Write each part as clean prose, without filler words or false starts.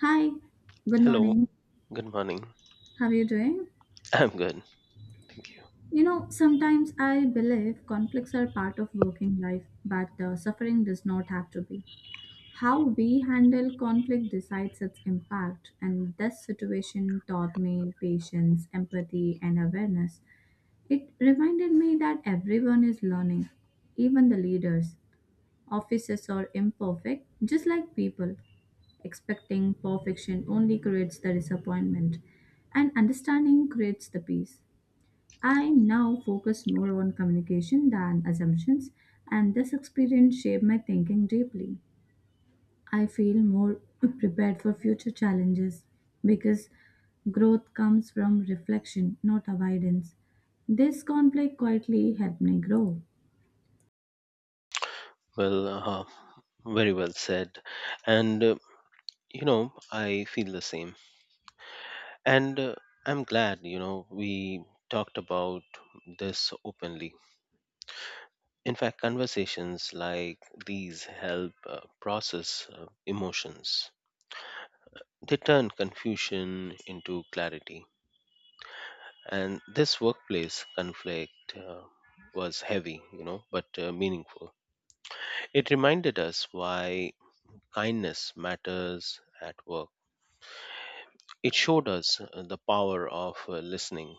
Hi, good Hello, morning. good morning. How are you doing? I'm good, thank you. You know, sometimes I believe conflicts are part of working life, but suffering does not have to be. How we handle conflict decides its impact, and this situation taught me patience, empathy, and awareness. It reminded me that everyone is learning, even the leaders. Offices are imperfect, just like people. Expecting perfection only creates the disappointment, and understanding creates the peace. I now focus more on communication than assumptions, and this experience shaped my thinking deeply. I feel more prepared for future challenges because growth comes from reflection, not avoidance. This conflict quietly helped me grow. Well, uh, Very well said. And, uh, you know, I feel the same. And I'm glad, you know, we talked about this openly. In fact, conversations like these help process emotions, they turn confusion into clarity. And this workplace conflict was heavy, you know, but meaningful. It reminded us why kindness matters at work. It showed us the power of listening,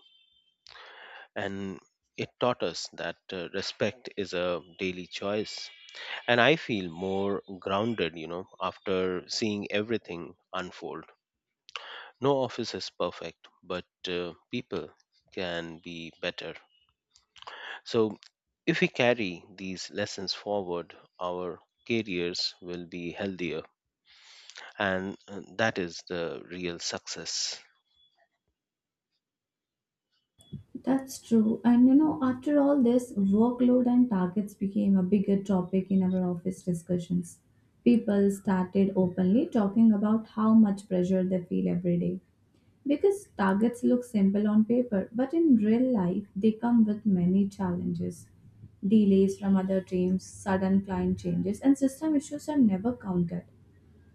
and it taught us that respect is a daily choice. And I feel more grounded, you know, after seeing everything unfold. No office is perfect, but people can be better. So if we carry these lessons forward, our careers will be healthier, and that is the real success. That's true. And you know, after all this, workload and targets became a bigger topic in our office discussions. People started openly talking about how much pressure they feel every day. Because targets look simple on paper, but in real life, they come with many challenges. Delays from other teams, sudden client changes, and system issues are never counted.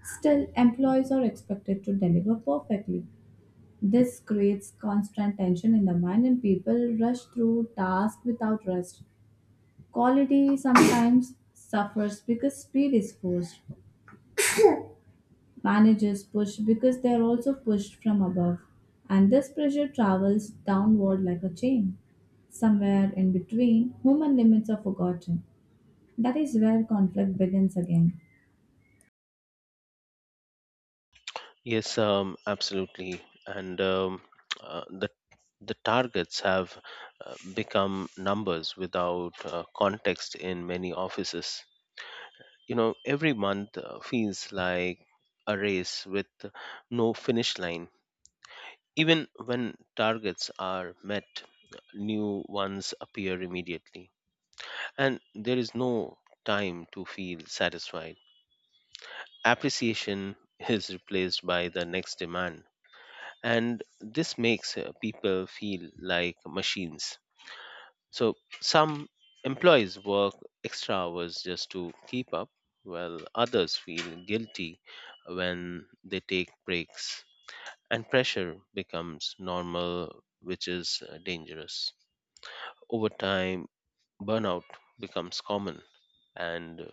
Still, employees are expected to deliver perfectly. This creates constant tension in the mind, and people rush through tasks without rest. Quality sometimes suffers because speed is forced. Managers push because they are also pushed from above, and this pressure travels downward like a chain. Somewhere in between, human limits are forgotten. That is where conflict begins again. Yes, Absolutely. And um, uh, the the targets have become numbers without context in many offices. You know, every month feels like a race with no finish line. Even when targets are met, new ones appear immediately, and there is no time to feel satisfied. Appreciation is replaced by the next demand, and this makes people feel like machines. So some employees work extra hours just to keep up, while others feel guilty when they take breaks, and pressure becomes normal, which is dangerous. Over time, burnout becomes common, and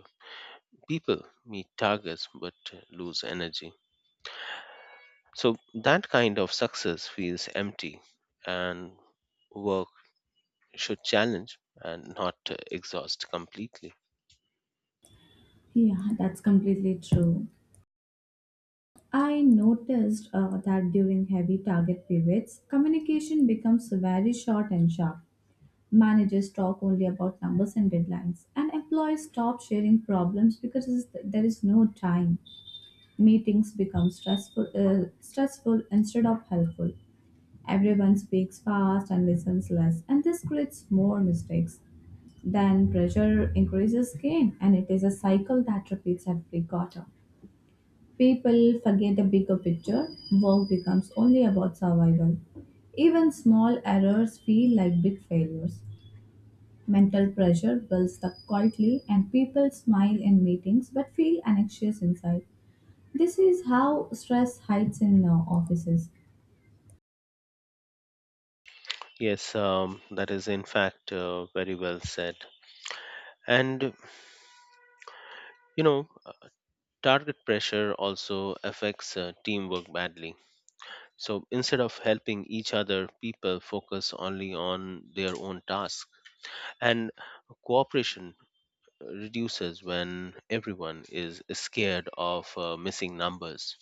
people meet targets but lose energy. So that kind of success feels empty, and work should challenge and not exhaust completely. Yeah, that's completely true. I noticed that during heavy target periods, communication becomes very short and sharp. Managers talk only about numbers and deadlines, and employees stop sharing problems because there is no time. Meetings become stressful, stressful instead of helpful. Everyone speaks fast and listens less, and this creates more mistakes. Then pressure increases again, and it is a cycle that repeats every quarter. People forget the bigger picture. Work becomes only about survival. Even small errors feel like big failures. Mental pressure builds up quietly, and people smile in meetings but feel anxious inside. This is how stress hides in offices. Yes, that is in fact very well said. And you know, uh, Target pressure also affects teamwork badly. So instead of helping each other, people focus only on their own task, and cooperation reduces when everyone is scared of missing numbers.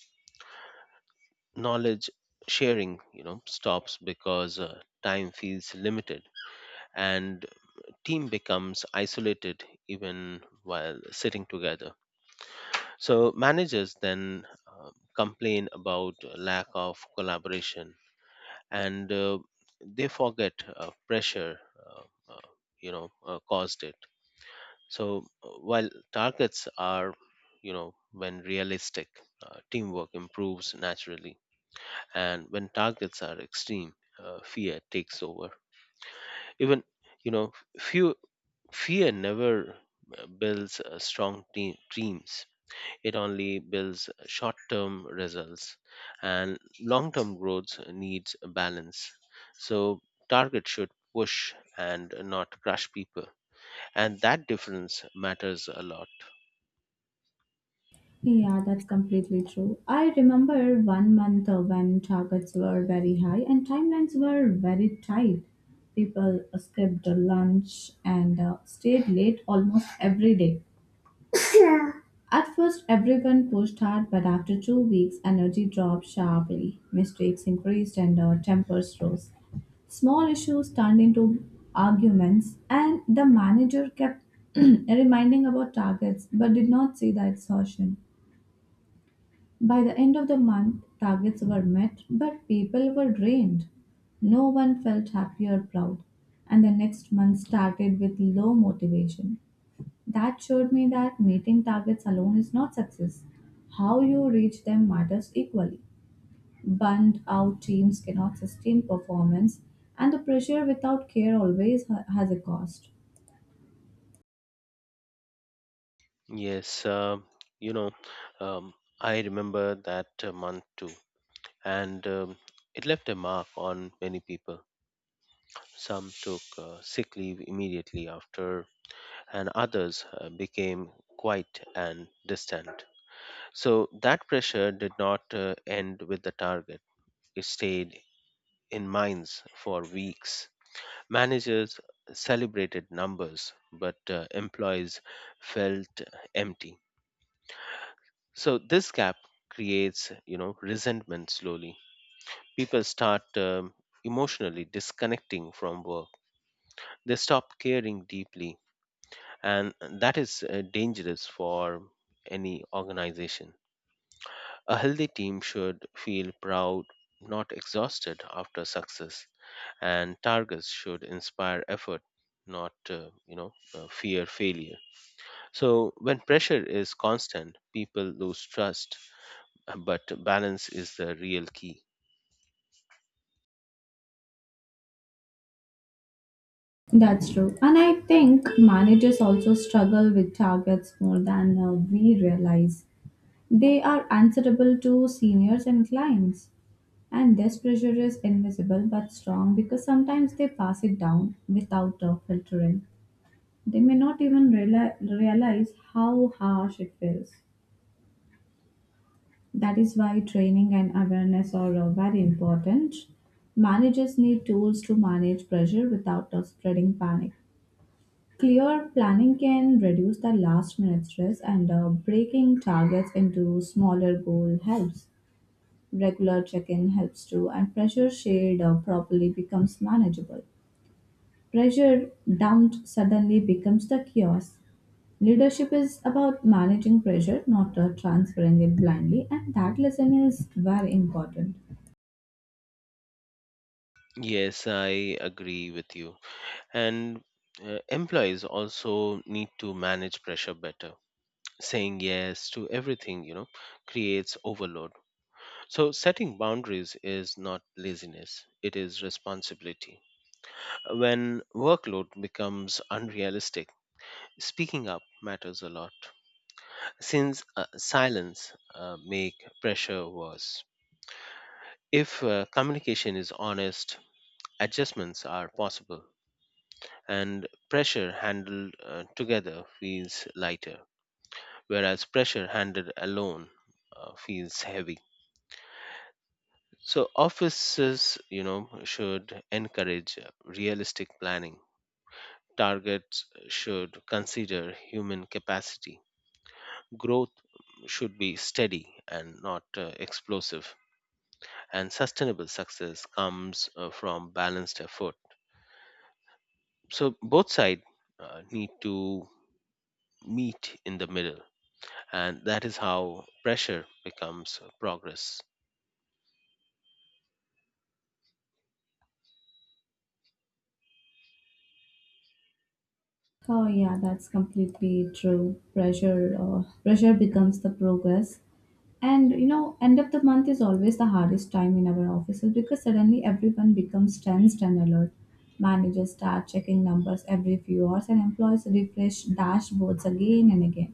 Knowledge sharing, you know, stops because time feels limited, and team becomes isolated even while sitting together. So managers then complain about lack of collaboration, and they forget caused it. So while targets are, you know, when realistic, teamwork improves naturally, and when targets are extreme, fear takes over. Even you know, few Fear never builds strong teams. It only builds short term results, and long term growth needs a balance. So, target should push and not crush people. And that difference matters a lot. Yeah, that's completely true. I remember one month when targets were very high and timelines were very tight. People skipped lunch and stayed late almost every day. At first, everyone pushed hard, but after 2 weeks, energy dropped sharply. Mistakes increased and tempers rose. Small issues turned into arguments, and the manager kept reminding about targets but did not see the exhaustion. By the end of the month, targets were met, but people were drained. No one felt happy or proud, and the next month started with low motivation. That showed me that meeting targets alone is not success. How you reach them matters equally. Burned out teams cannot sustain performance, and the pressure without care always has a cost. Yes, uh, you know, um, I remember that month too, and it left a mark on many people. Some took sick leave immediately after, and others became quiet and distant. So that pressure did not end with the target, it stayed in minds for weeks. Managers celebrated numbers, but employees felt empty. So this gap creates, you know, resentment slowly. People start emotionally disconnecting from work. They stop caring deeply, and that is dangerous for any organization. A healthy team should feel proud, not exhausted after success, and targets should inspire effort, not fear failure. So when pressure is constant, people lose trust, but balance is the real key. That's true. And I think managers also struggle with targets more than we realize. They are answerable to seniors and clients. And this pressure is invisible but strong because sometimes they pass it down without filtering. They may not even realize how harsh it feels. That is why training and awareness are very important. Managers need tools to manage pressure without spreading panic. Clear planning can reduce the last minute stress, and breaking targets into smaller goals helps. Regular check in helps too, and pressure shared properly becomes manageable. Pressure dumped suddenly becomes the chaos. Leadership is about managing pressure, not transferring it blindly, and that lesson is very important. Yes, I agree with you. And employees also need to manage pressure better. Saying yes to everything, you know, creates overload. So, setting boundaries is not laziness, it is responsibility. When workload becomes unrealistic, speaking up matters a lot, since silence make pressure worse. If communication is honest, adjustments are possible, and pressure handled together feels lighter, whereas pressure handled alone feels heavy. So offices, you know, should encourage realistic planning. Targets should consider human capacity. Growth should be steady and not explosive. And sustainable success comes from balanced effort. So both sides need to meet in the middle, and that is how pressure becomes progress. Oh yeah, that's completely true. Pressure becomes the progress, and you know, end of the month is always the hardest time in our offices because suddenly everyone becomes tensed and alert. Managers start checking numbers every few hours, and employees refresh dashboards again and again.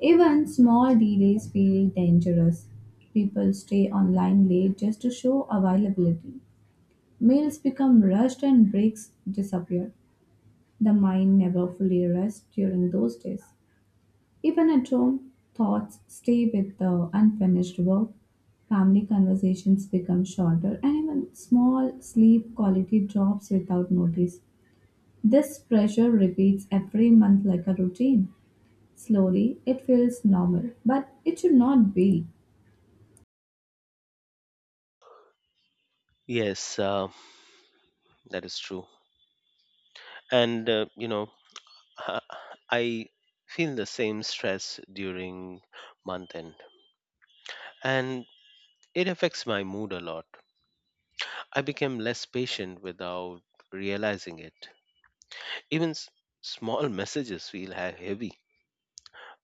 Even small delays feel dangerous. People stay online late just to show availability. Meals become rushed and breaks disappear. The mind never fully rests during those days. Even at home, thoughts stay with the unfinished work, family conversations become shorter, and even small sleep quality drops without notice. This pressure repeats every month like a routine. Slowly, it feels normal, but it should not be. Yes, uh, that is true. And uh, you know, Uh, I feel the same stress during month end, and it affects my mood a lot. I became less patient without realizing it. Even small messages feel heavy.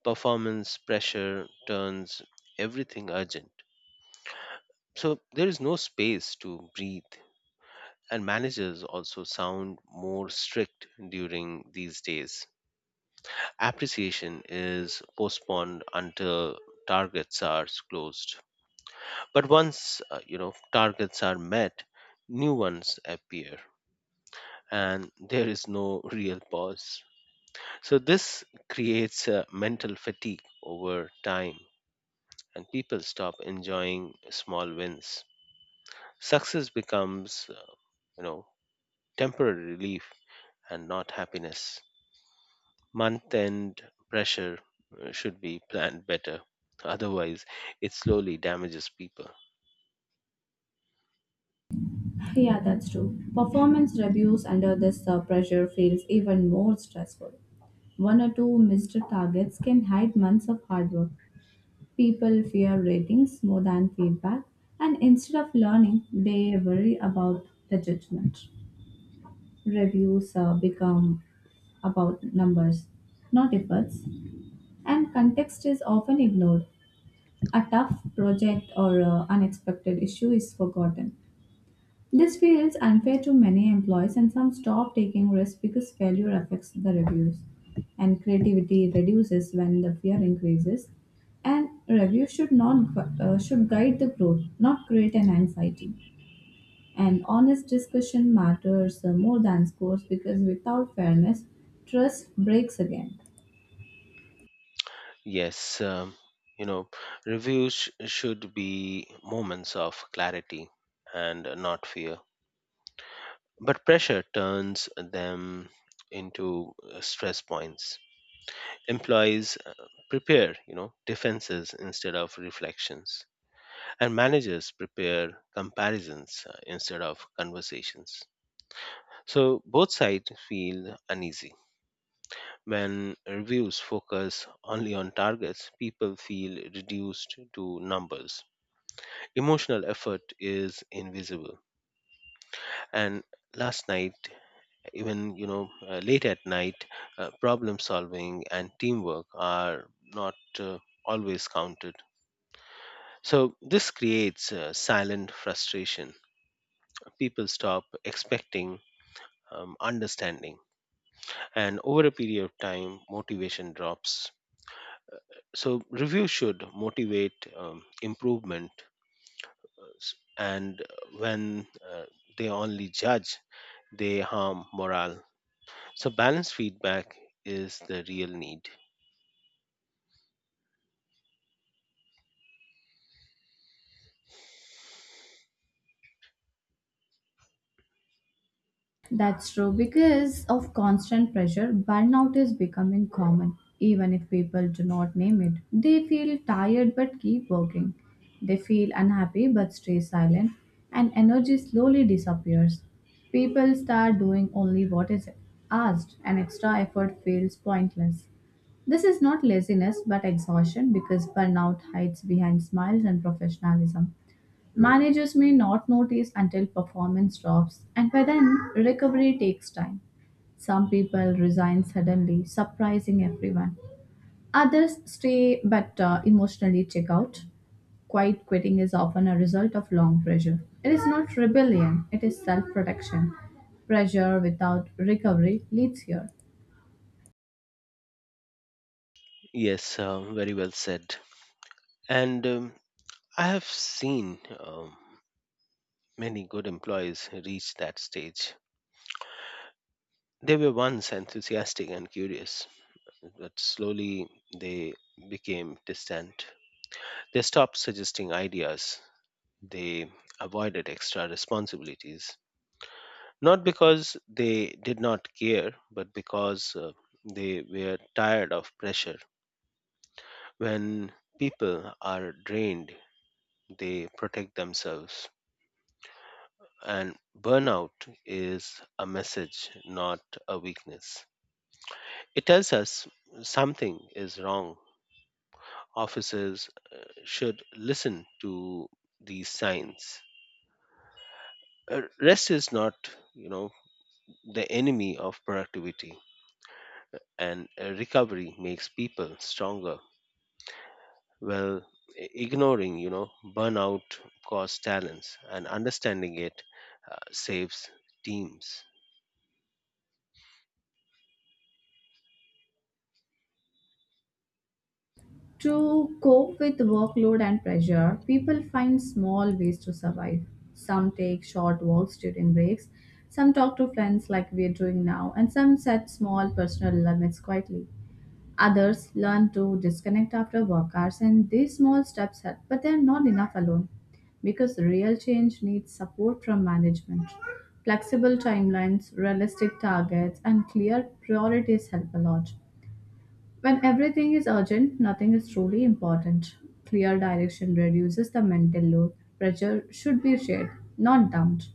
Performance pressure turns everything urgent. So there is no space to breathe. And managers also sound more strict during these days. Appreciation is postponed until targets are closed. But once you know targets are met, new ones appear and there is no real pause. So this creates a mental fatigue over time, and people stop enjoying small wins. Success becomes you know temporary relief and not happiness. Month end pressure should be planned better. Otherwise, it slowly damages people. Yeah, that's true. Performance reviews under this pressure feels even more stressful. One or two missed targets can hide months of hard work. People fear ratings more than feedback, and instead of learning, they worry about the judgment. Reviews become about numbers, not efforts, and context is often ignored. A tough project or unexpected issue is forgotten. This feels unfair to many employees, and some stop taking risks because failure affects the reviews. And creativity reduces when the fear increases. And reviews should not gu- should guide the growth, not create an anxiety. And honest discussion matters more than scores because without fairness, trust breaks again. Yes, um, you know, reviews should be moments of clarity and not fear. But pressure turns them into stress points. Employees prepare, you know, defenses instead of reflections, and managers prepare comparisons instead of conversations. So both sides feel uneasy. When reviews focus only on targets, people feel reduced to numbers. Emotional effort is invisible, and last night, even late at night, problem solving and teamwork are not always counted. So this creates silent frustration. People stop expecting understanding, and over a period of time motivation drops. So review should motivate improvement. S- and when uh, they only judge, they harm morale. So, balanced feedback is the real need. That's true. Because of constant pressure, burnout is becoming common. Even if people do not name it, they feel tired but keep working. They feel unhappy but stay silent, and energy slowly disappears. People start doing only what is asked, and extra effort feels pointless. This is not laziness but exhaustion because burnout hides behind smiles and professionalism. Managers may not notice until performance drops, and by then, recovery takes time. Some people resign suddenly, surprising everyone. Others stay but emotionally check out. Quiet quitting is often a result of long pressure. It is not rebellion, it is self protection. Pressure without recovery leads here. Yes, Very well said. And I have seen many good employees reach that stage. They were once enthusiastic and curious, but slowly they became distant. They stopped suggesting ideas, they avoided extra responsibilities, not because they did not care, but because they were tired of pressure. When people are drained, they protect themselves. And burnout is a message, not a weakness. It tells us something is wrong. Officers should listen to these signs. Rest is not, you know, the enemy of productivity, and recovery makes people stronger. Well, ignoring, you know, burnout costs talents, and understanding it saves teams. To cope with workload and pressure, people find small ways to survive. Some take short walks during breaks, some talk to friends like we're doing now, and some set small personal limits quietly. Others learn to disconnect after work hours, and these small steps help, but they're not enough alone because real change needs support from management. Flexible timelines, realistic targets, and clear priorities help a lot. When everything is urgent, nothing is truly important. Clear direction reduces the mental load. Pressure should be shared, not dumped.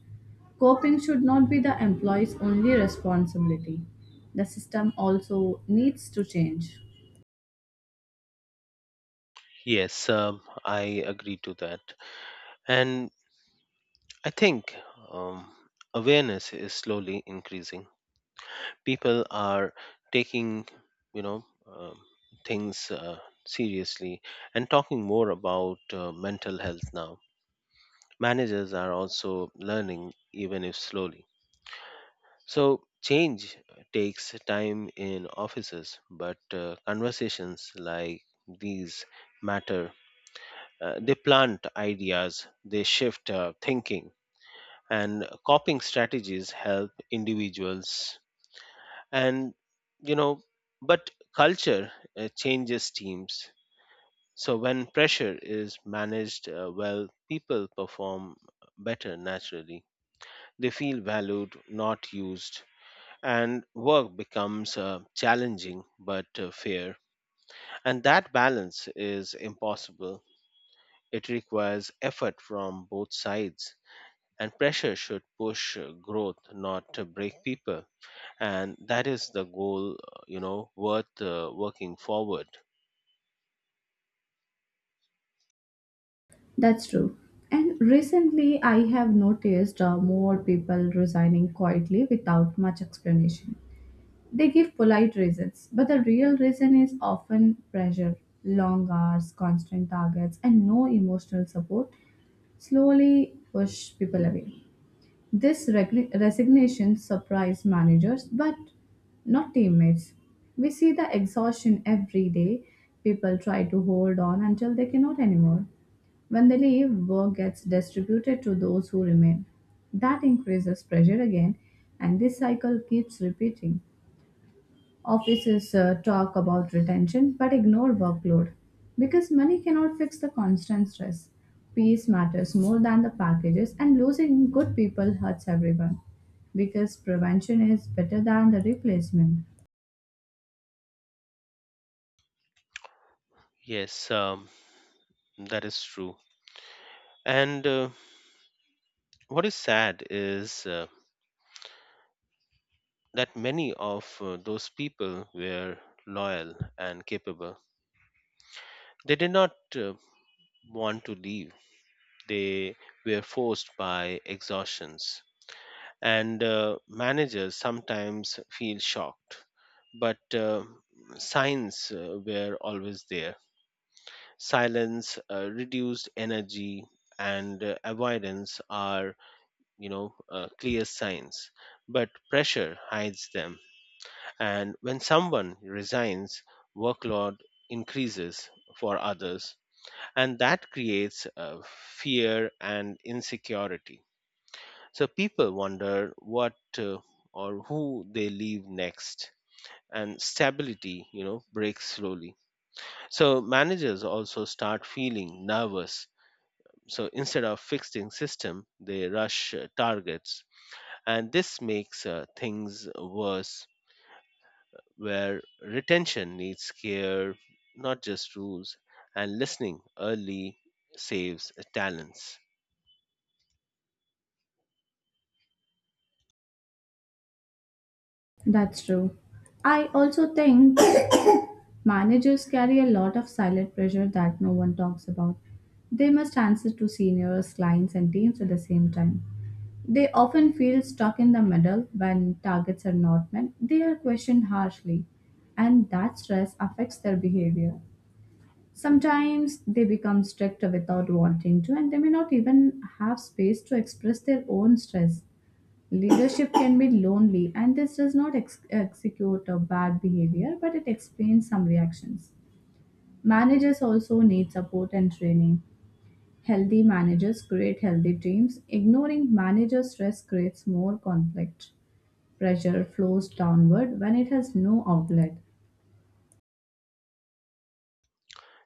Coping should not be the employee's only responsibility. The system also needs to change. Yes, I agree to that. And I think um, awareness is slowly increasing. People are taking, you know um, things seriously, and talking more about mental health now. Managers are also learning, even if slowly. So, change takes time in offices, but conversations like these matter. They plant ideas, they shift thinking, and coping strategies help individuals. And, you know, but culture changes teams. So, when pressure is managed well, people perform better naturally. They feel valued, not used, and work becomes challenging but fair. And that balance is impossible. It requires effort from both sides, and pressure should push growth, not to break people. And that is the goal, worth working forward. That's true. And recently, I have noticed more people resigning quietly without much explanation. They give polite reasons, but the real reason is often pressure, long hours, constant targets, and no emotional support slowly push people away. This resignation surprised managers, but not teammates. We see the exhaustion every day. People try to hold on until they cannot anymore. When they leave, work gets distributed to those who remain. That increases pressure again, and this cycle keeps repeating. Offices talk about retention but ignore workload because money cannot fix the constant stress. Peace matters more than the packages, and losing good people hurts everyone because prevention is better than the replacement. Yes, um, that is true. And what is sad is that many of those people were loyal and capable. They did not want to leave. They were forced by exhaustions. And managers sometimes feel shocked, but signs were always there. Silence, reduced energy, and avoidance are, clear signs. But pressure hides them. And when someone resigns, workload increases for others, and that creates fear and insecurity. So people wonder what or who they leave next, and stability, you know, breaks slowly. So managers also start feeling nervous. So instead of fixing system, they rush targets, and this makes things worse, where retention needs care, not just rules, and listening early saves talents. That's true. I also think managers carry a lot of silent pressure that no one talks about. They must answer to seniors, clients, and teams at the same time. They often feel stuck in the middle when targets are not met. They are questioned harshly, and that stress affects their behavior. Sometimes they become strict without wanting to, and they may not even have space to express their own stress. Leadership can be lonely, and this does not execute a bad behavior, but it explains some reactions. Managers also need support and training. Healthy managers create healthy teams. Ignoring manager stress creates more conflict. Pressure flows downward when it has no outlet.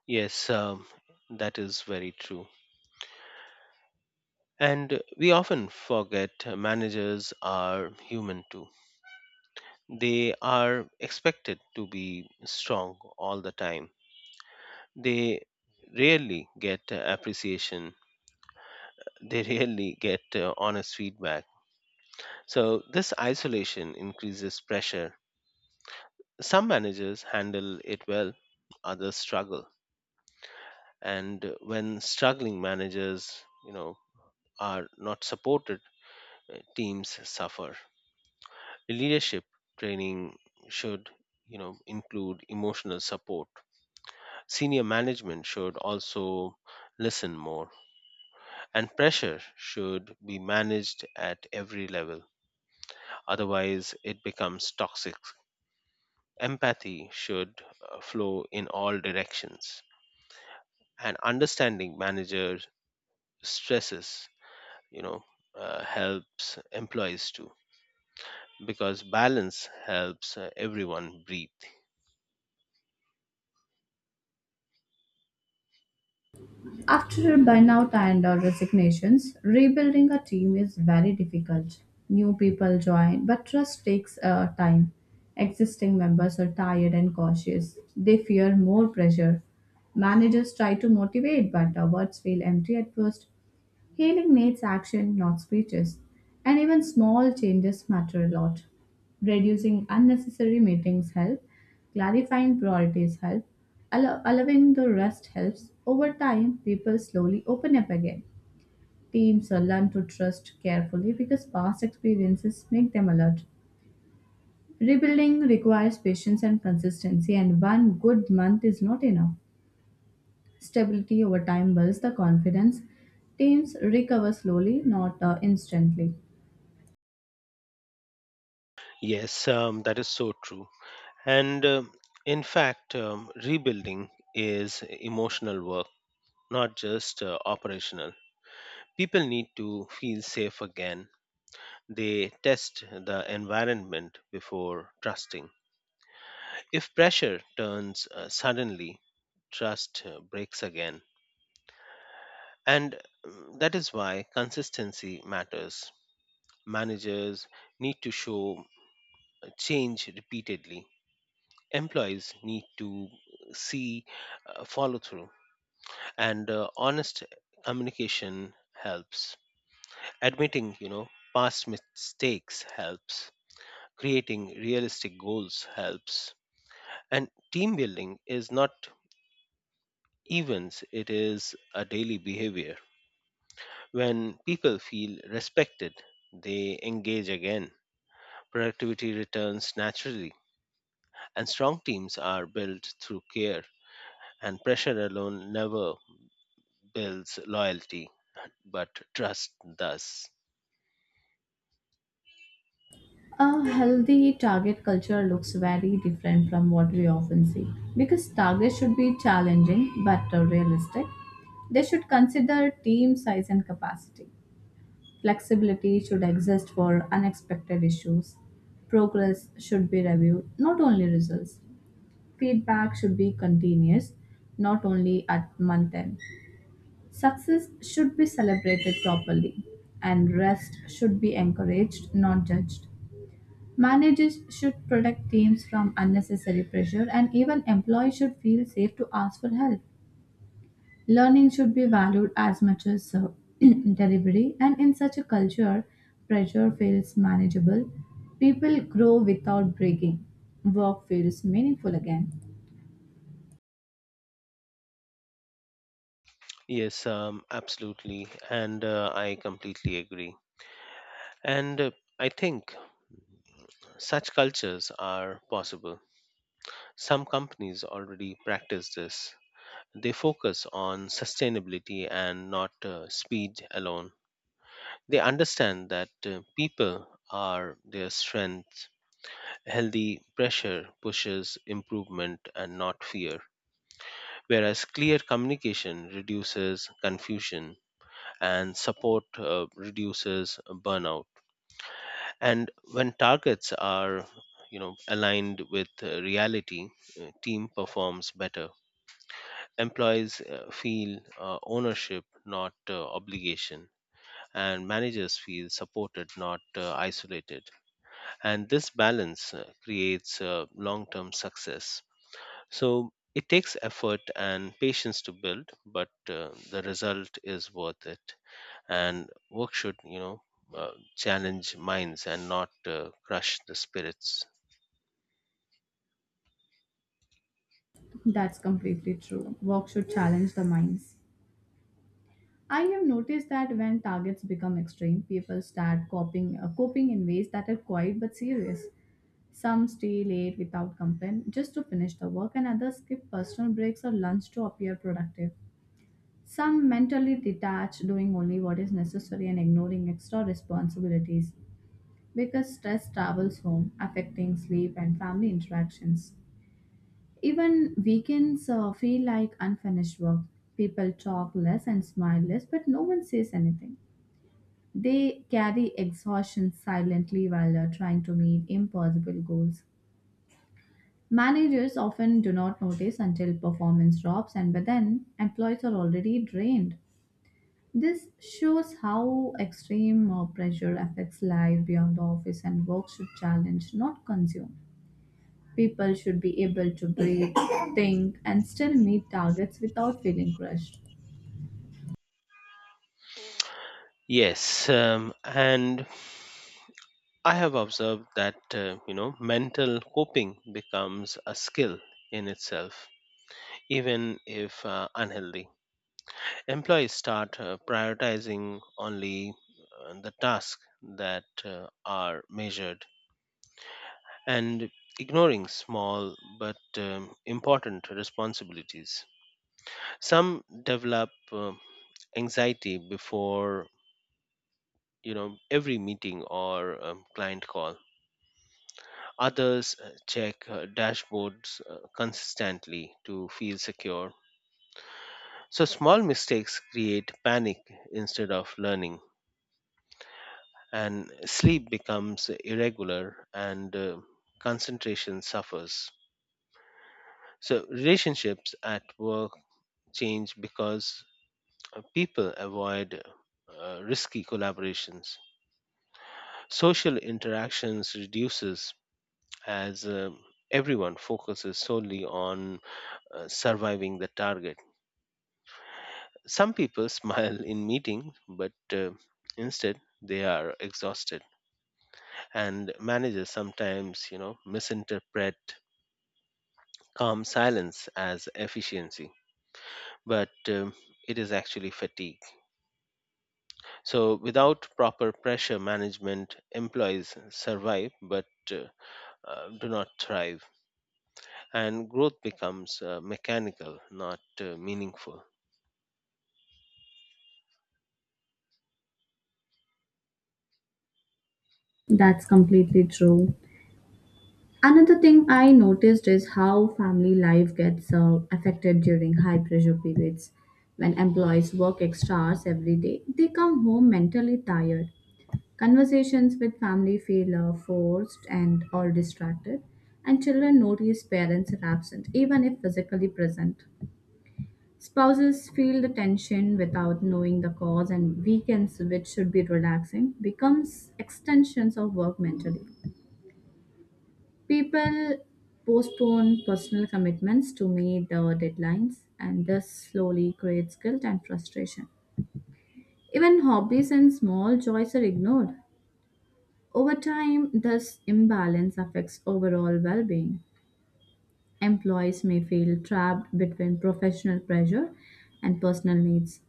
Yes, um, that is very true. And we often forget managers are human too. They are expected to be strong all the time. They rarely get appreciation, they rarely get honest feedback. So, this isolation increases pressure. Some managers handle it well, others struggle. And when struggling managers, you know, are not supported, teams suffer. Leadership training should, you know, include emotional support. Senior management should also listen more, and pressure should be managed at every level, otherwise it becomes toxic. Empathy should flow in all directions, and understanding manager stresses, you know helps employees too, because balance helps everyone breathe. After burnout and or resignations, rebuilding a team is very difficult. New people join, but trust takes time. Existing members are tired and cautious. They fear more pressure. Managers try to motivate, but our words feel empty at first. Healing needs action, not speeches, and even small changes matter a lot. Reducing unnecessary meetings help, clarifying priorities help, allowing the rest helps. Over time, people slowly open up again. Teams are learn to trust carefully because past experiences make them alert. Rebuilding requires patience and consistency, and one good month is not enough. Stability over time builds the confidence. Teams recover slowly, not instantly. Yes, that is so true. And in fact, rebuilding is emotional work, not just operational. People need to feel safe again. They test the environment before trusting. If pressure turns suddenly, trust breaks again. And that is why consistency matters. Managers need to show change repeatedly. Employees need to see follow through, and honest communication helps, admitting, you know, past mistakes helps, creating realistic goals helps, and team building is not events, it is a daily behavior. When people feel respected, they engage again, productivity returns naturally, and strong teams are built through care, and pressure alone never builds loyalty, but trust does. A healthy target culture looks very different from what we often see because targets should be challenging but realistic. They should consider team size and capacity. Flexibility should exist for unexpected issues. Progress should be reviewed, not only results. Feedback should be continuous, not only at month end. Success should be celebrated properly, and rest should be encouraged, not judged. Managers should protect teams from unnecessary pressure, and even employees should feel safe to ask for help. Learning should be valued as much as delivery, and in such a culture, pressure feels manageable. People grow without breaking. Work feels meaningful again. Yes, Absolutely. And I completely agree. And I think such cultures are possible. Some companies already practice this. They focus on sustainability and not speed alone. They understand that people are their strength. Healthy pressure pushes improvement and not fear, whereas clear communication reduces confusion and support reduces burnout, and when targets are aligned with reality, team performs better, employees feel ownership not obligation, and managers feel supported not isolated, and this balance creates long term success. So it takes effort and patience to build, but the result is worth it. And work should challenge minds and not crush the spirits. That's completely true. Work should challenge the minds. I have noticed that when targets become extreme, people start coping in ways that are quiet but serious. Some stay late without complaint just to finish the work, and others skip personal breaks or lunch to appear productive. Some mentally detached, doing only what is necessary and ignoring extra responsibilities because stress travels home, affecting sleep and family interactions. Even weekends feel like unfinished work. People talk less and smile less, but no one says anything. They carry exhaustion silently while trying to meet impossible goals. Managers often do not notice until performance drops, and by then, employees are already drained. This shows how extreme pressure affects life beyond the office, and work should challenge, not consume. People should be able to breathe, think, and still meet targets without feeling crushed. Yes, and I have observed that mental coping becomes a skill in itself, even if unhealthy. Employees start prioritizing only the tasks that are measured and ignoring small but important responsibilities. Some develop anxiety before every meeting or client call. Others check dashboards consistently to feel secure. So, small mistakes create panic instead of learning, and sleep becomes irregular and concentration suffers. So, relationships at work change because people avoid risky collaborations. Social interactions reduces as everyone focuses solely on surviving the target. Some people smile in meeting, but instead they are exhausted. And managers sometimes, misinterpret calm silence as efficiency, but it is actually fatigue. So, without proper pressure management, employees survive but uh, do not thrive, and growth becomes mechanical, not meaningful. That's completely true. Another thing I noticed is how family life gets affected during high pressure periods. When employees work extra hours every day, they come home mentally tired. Conversations with family feel forced and or distracted, and children notice parents are absent, even if physically present. Spouses feel the tension without knowing the cause, and weekends, which should be relaxing, becomes extensions of work mentally. People postpone personal commitments to meet the deadlines, and this slowly creates guilt and frustration. Even hobbies and small joys are ignored. Over time, this imbalance affects overall well being. Employees may feel trapped between professional pressure and personal needs.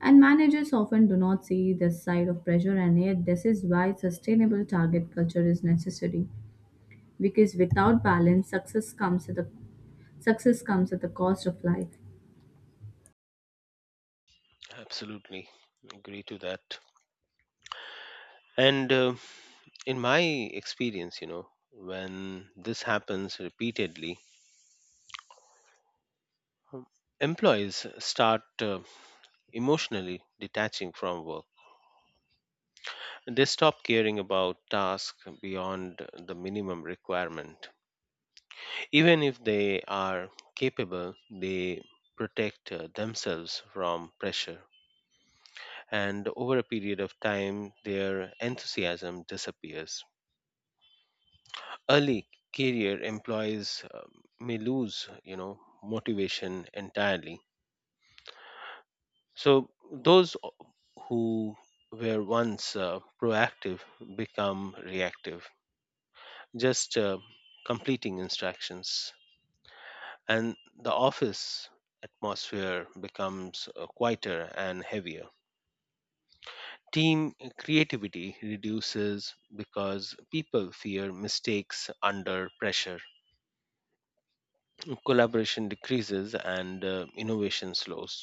And managers often do not see this side of pressure, and yet, this is why sustainable target culture is necessary. Because without balance, success comes at the cost of life. Absolutely agree to that. And in my experience, when this happens repeatedly, um, employees start emotionally detaching from work. They stop caring about tasks beyond the minimum requirement. Even if they are capable, they protect themselves from pressure. And over a period of time, their enthusiasm disappears. Early career employees may lose, motivation entirely. So those who were once proactive become reactive, just completing instructions. And the office atmosphere becomes quieter and heavier. Team creativity reduces because people fear mistakes under pressure. Collaboration decreases and innovation slows.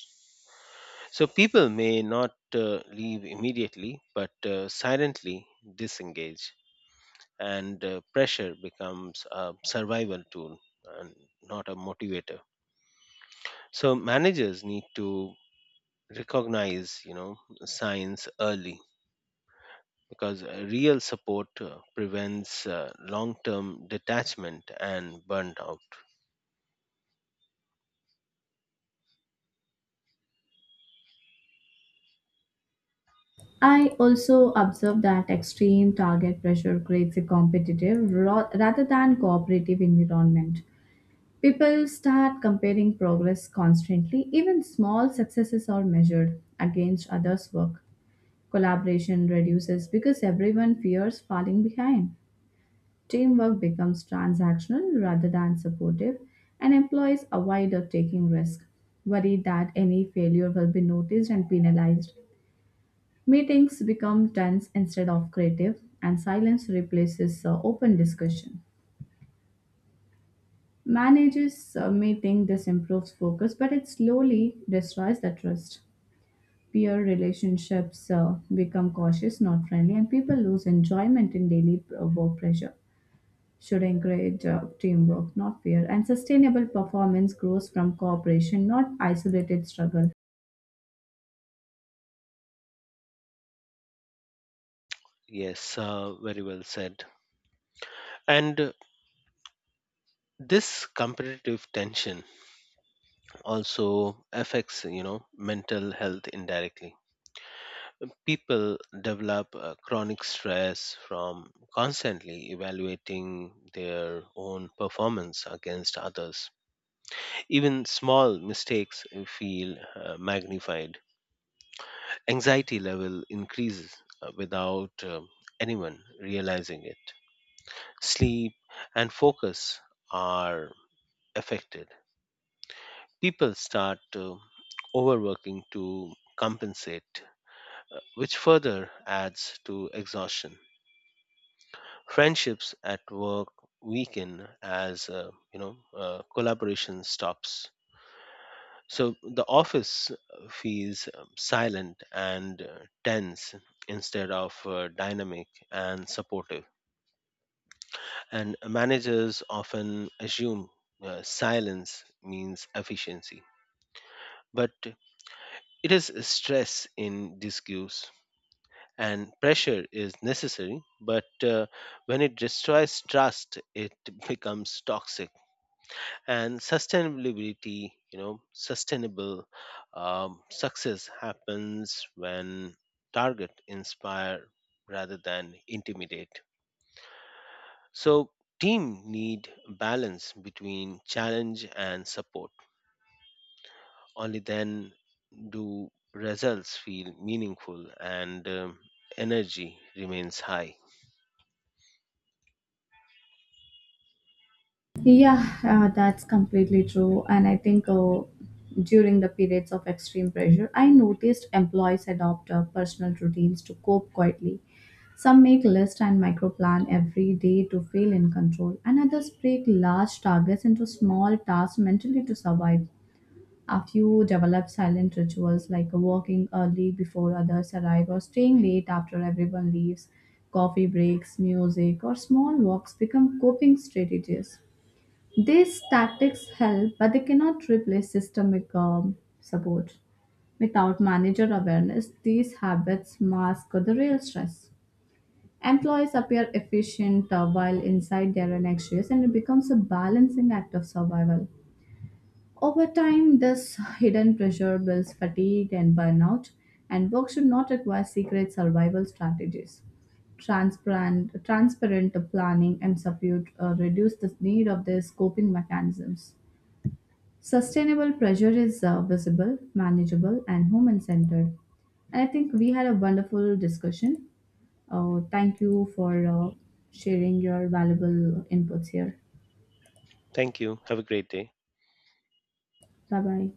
So people may not leave immediately, but silently disengage, and pressure becomes a survival tool and not a motivator. So managers need to recognize, signs early because real support prevents long-term detachment and burnout. I also observe that extreme target pressure creates a competitive rather than cooperative environment. People start comparing progress constantly, even small successes are measured against others' work. Collaboration reduces because everyone fears falling behind. Teamwork becomes transactional rather than supportive, and employees avoid of taking risk, worried that any failure will be noticed and penalized. Meetings become tense instead of creative, and silence replaces open discussion. Managers may think this improves focus, but it slowly destroys the trust. Peer relationships become cautious, not friendly, and people lose enjoyment in daily work pressure. Should encourage teamwork, not fear, and sustainable performance grows from cooperation, not isolated struggle. Yes, very well said. And this competitive tension also affects, mental health indirectly. People develop chronic stress from constantly evaluating their own performance against others. Even small mistakes feel magnified. Anxiety level increases without anyone realizing it. Sleep and focus are affected. People start overworking to compensate, which further adds to exhaustion. Friendships at work weaken as collaboration stops. So the office feels silent and tense instead of dynamic and supportive. And managers often assume silence means efficiency, but it is stress in disguise, and pressure is necessary, but when it destroys trust it becomes toxic. And sustainability, sustainable success happens when target inspire rather than intimidate. So team need balance between challenge and support. Only then do results feel meaningful and energy remains high. Yeah, that's completely true. And I think during the periods of extreme pressure, I noticed employees adopt personal routines to cope quietly. Some make list and micro-plan every day to feel in control, and others break large targets into small tasks mentally to survive. A few develop silent rituals like walking early before others arrive or staying late after everyone leaves. Coffee breaks, music, or small walks become coping strategies. These tactics help, but they cannot replace systemic support. Without manager awareness, these habits mask the real stress. Employees appear efficient while inside they are anxious, and it becomes a balancing act of survival. Over time, this hidden pressure builds fatigue and burnout, and work should not require secret survival strategies. Transparent planning and support reduce the need of these coping mechanisms. Sustainable pressure is visible, manageable, and human centered. And I think we had a wonderful discussion. Thank you for sharing your valuable inputs here. Thank you. Have a great day. Bye bye.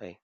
Bye.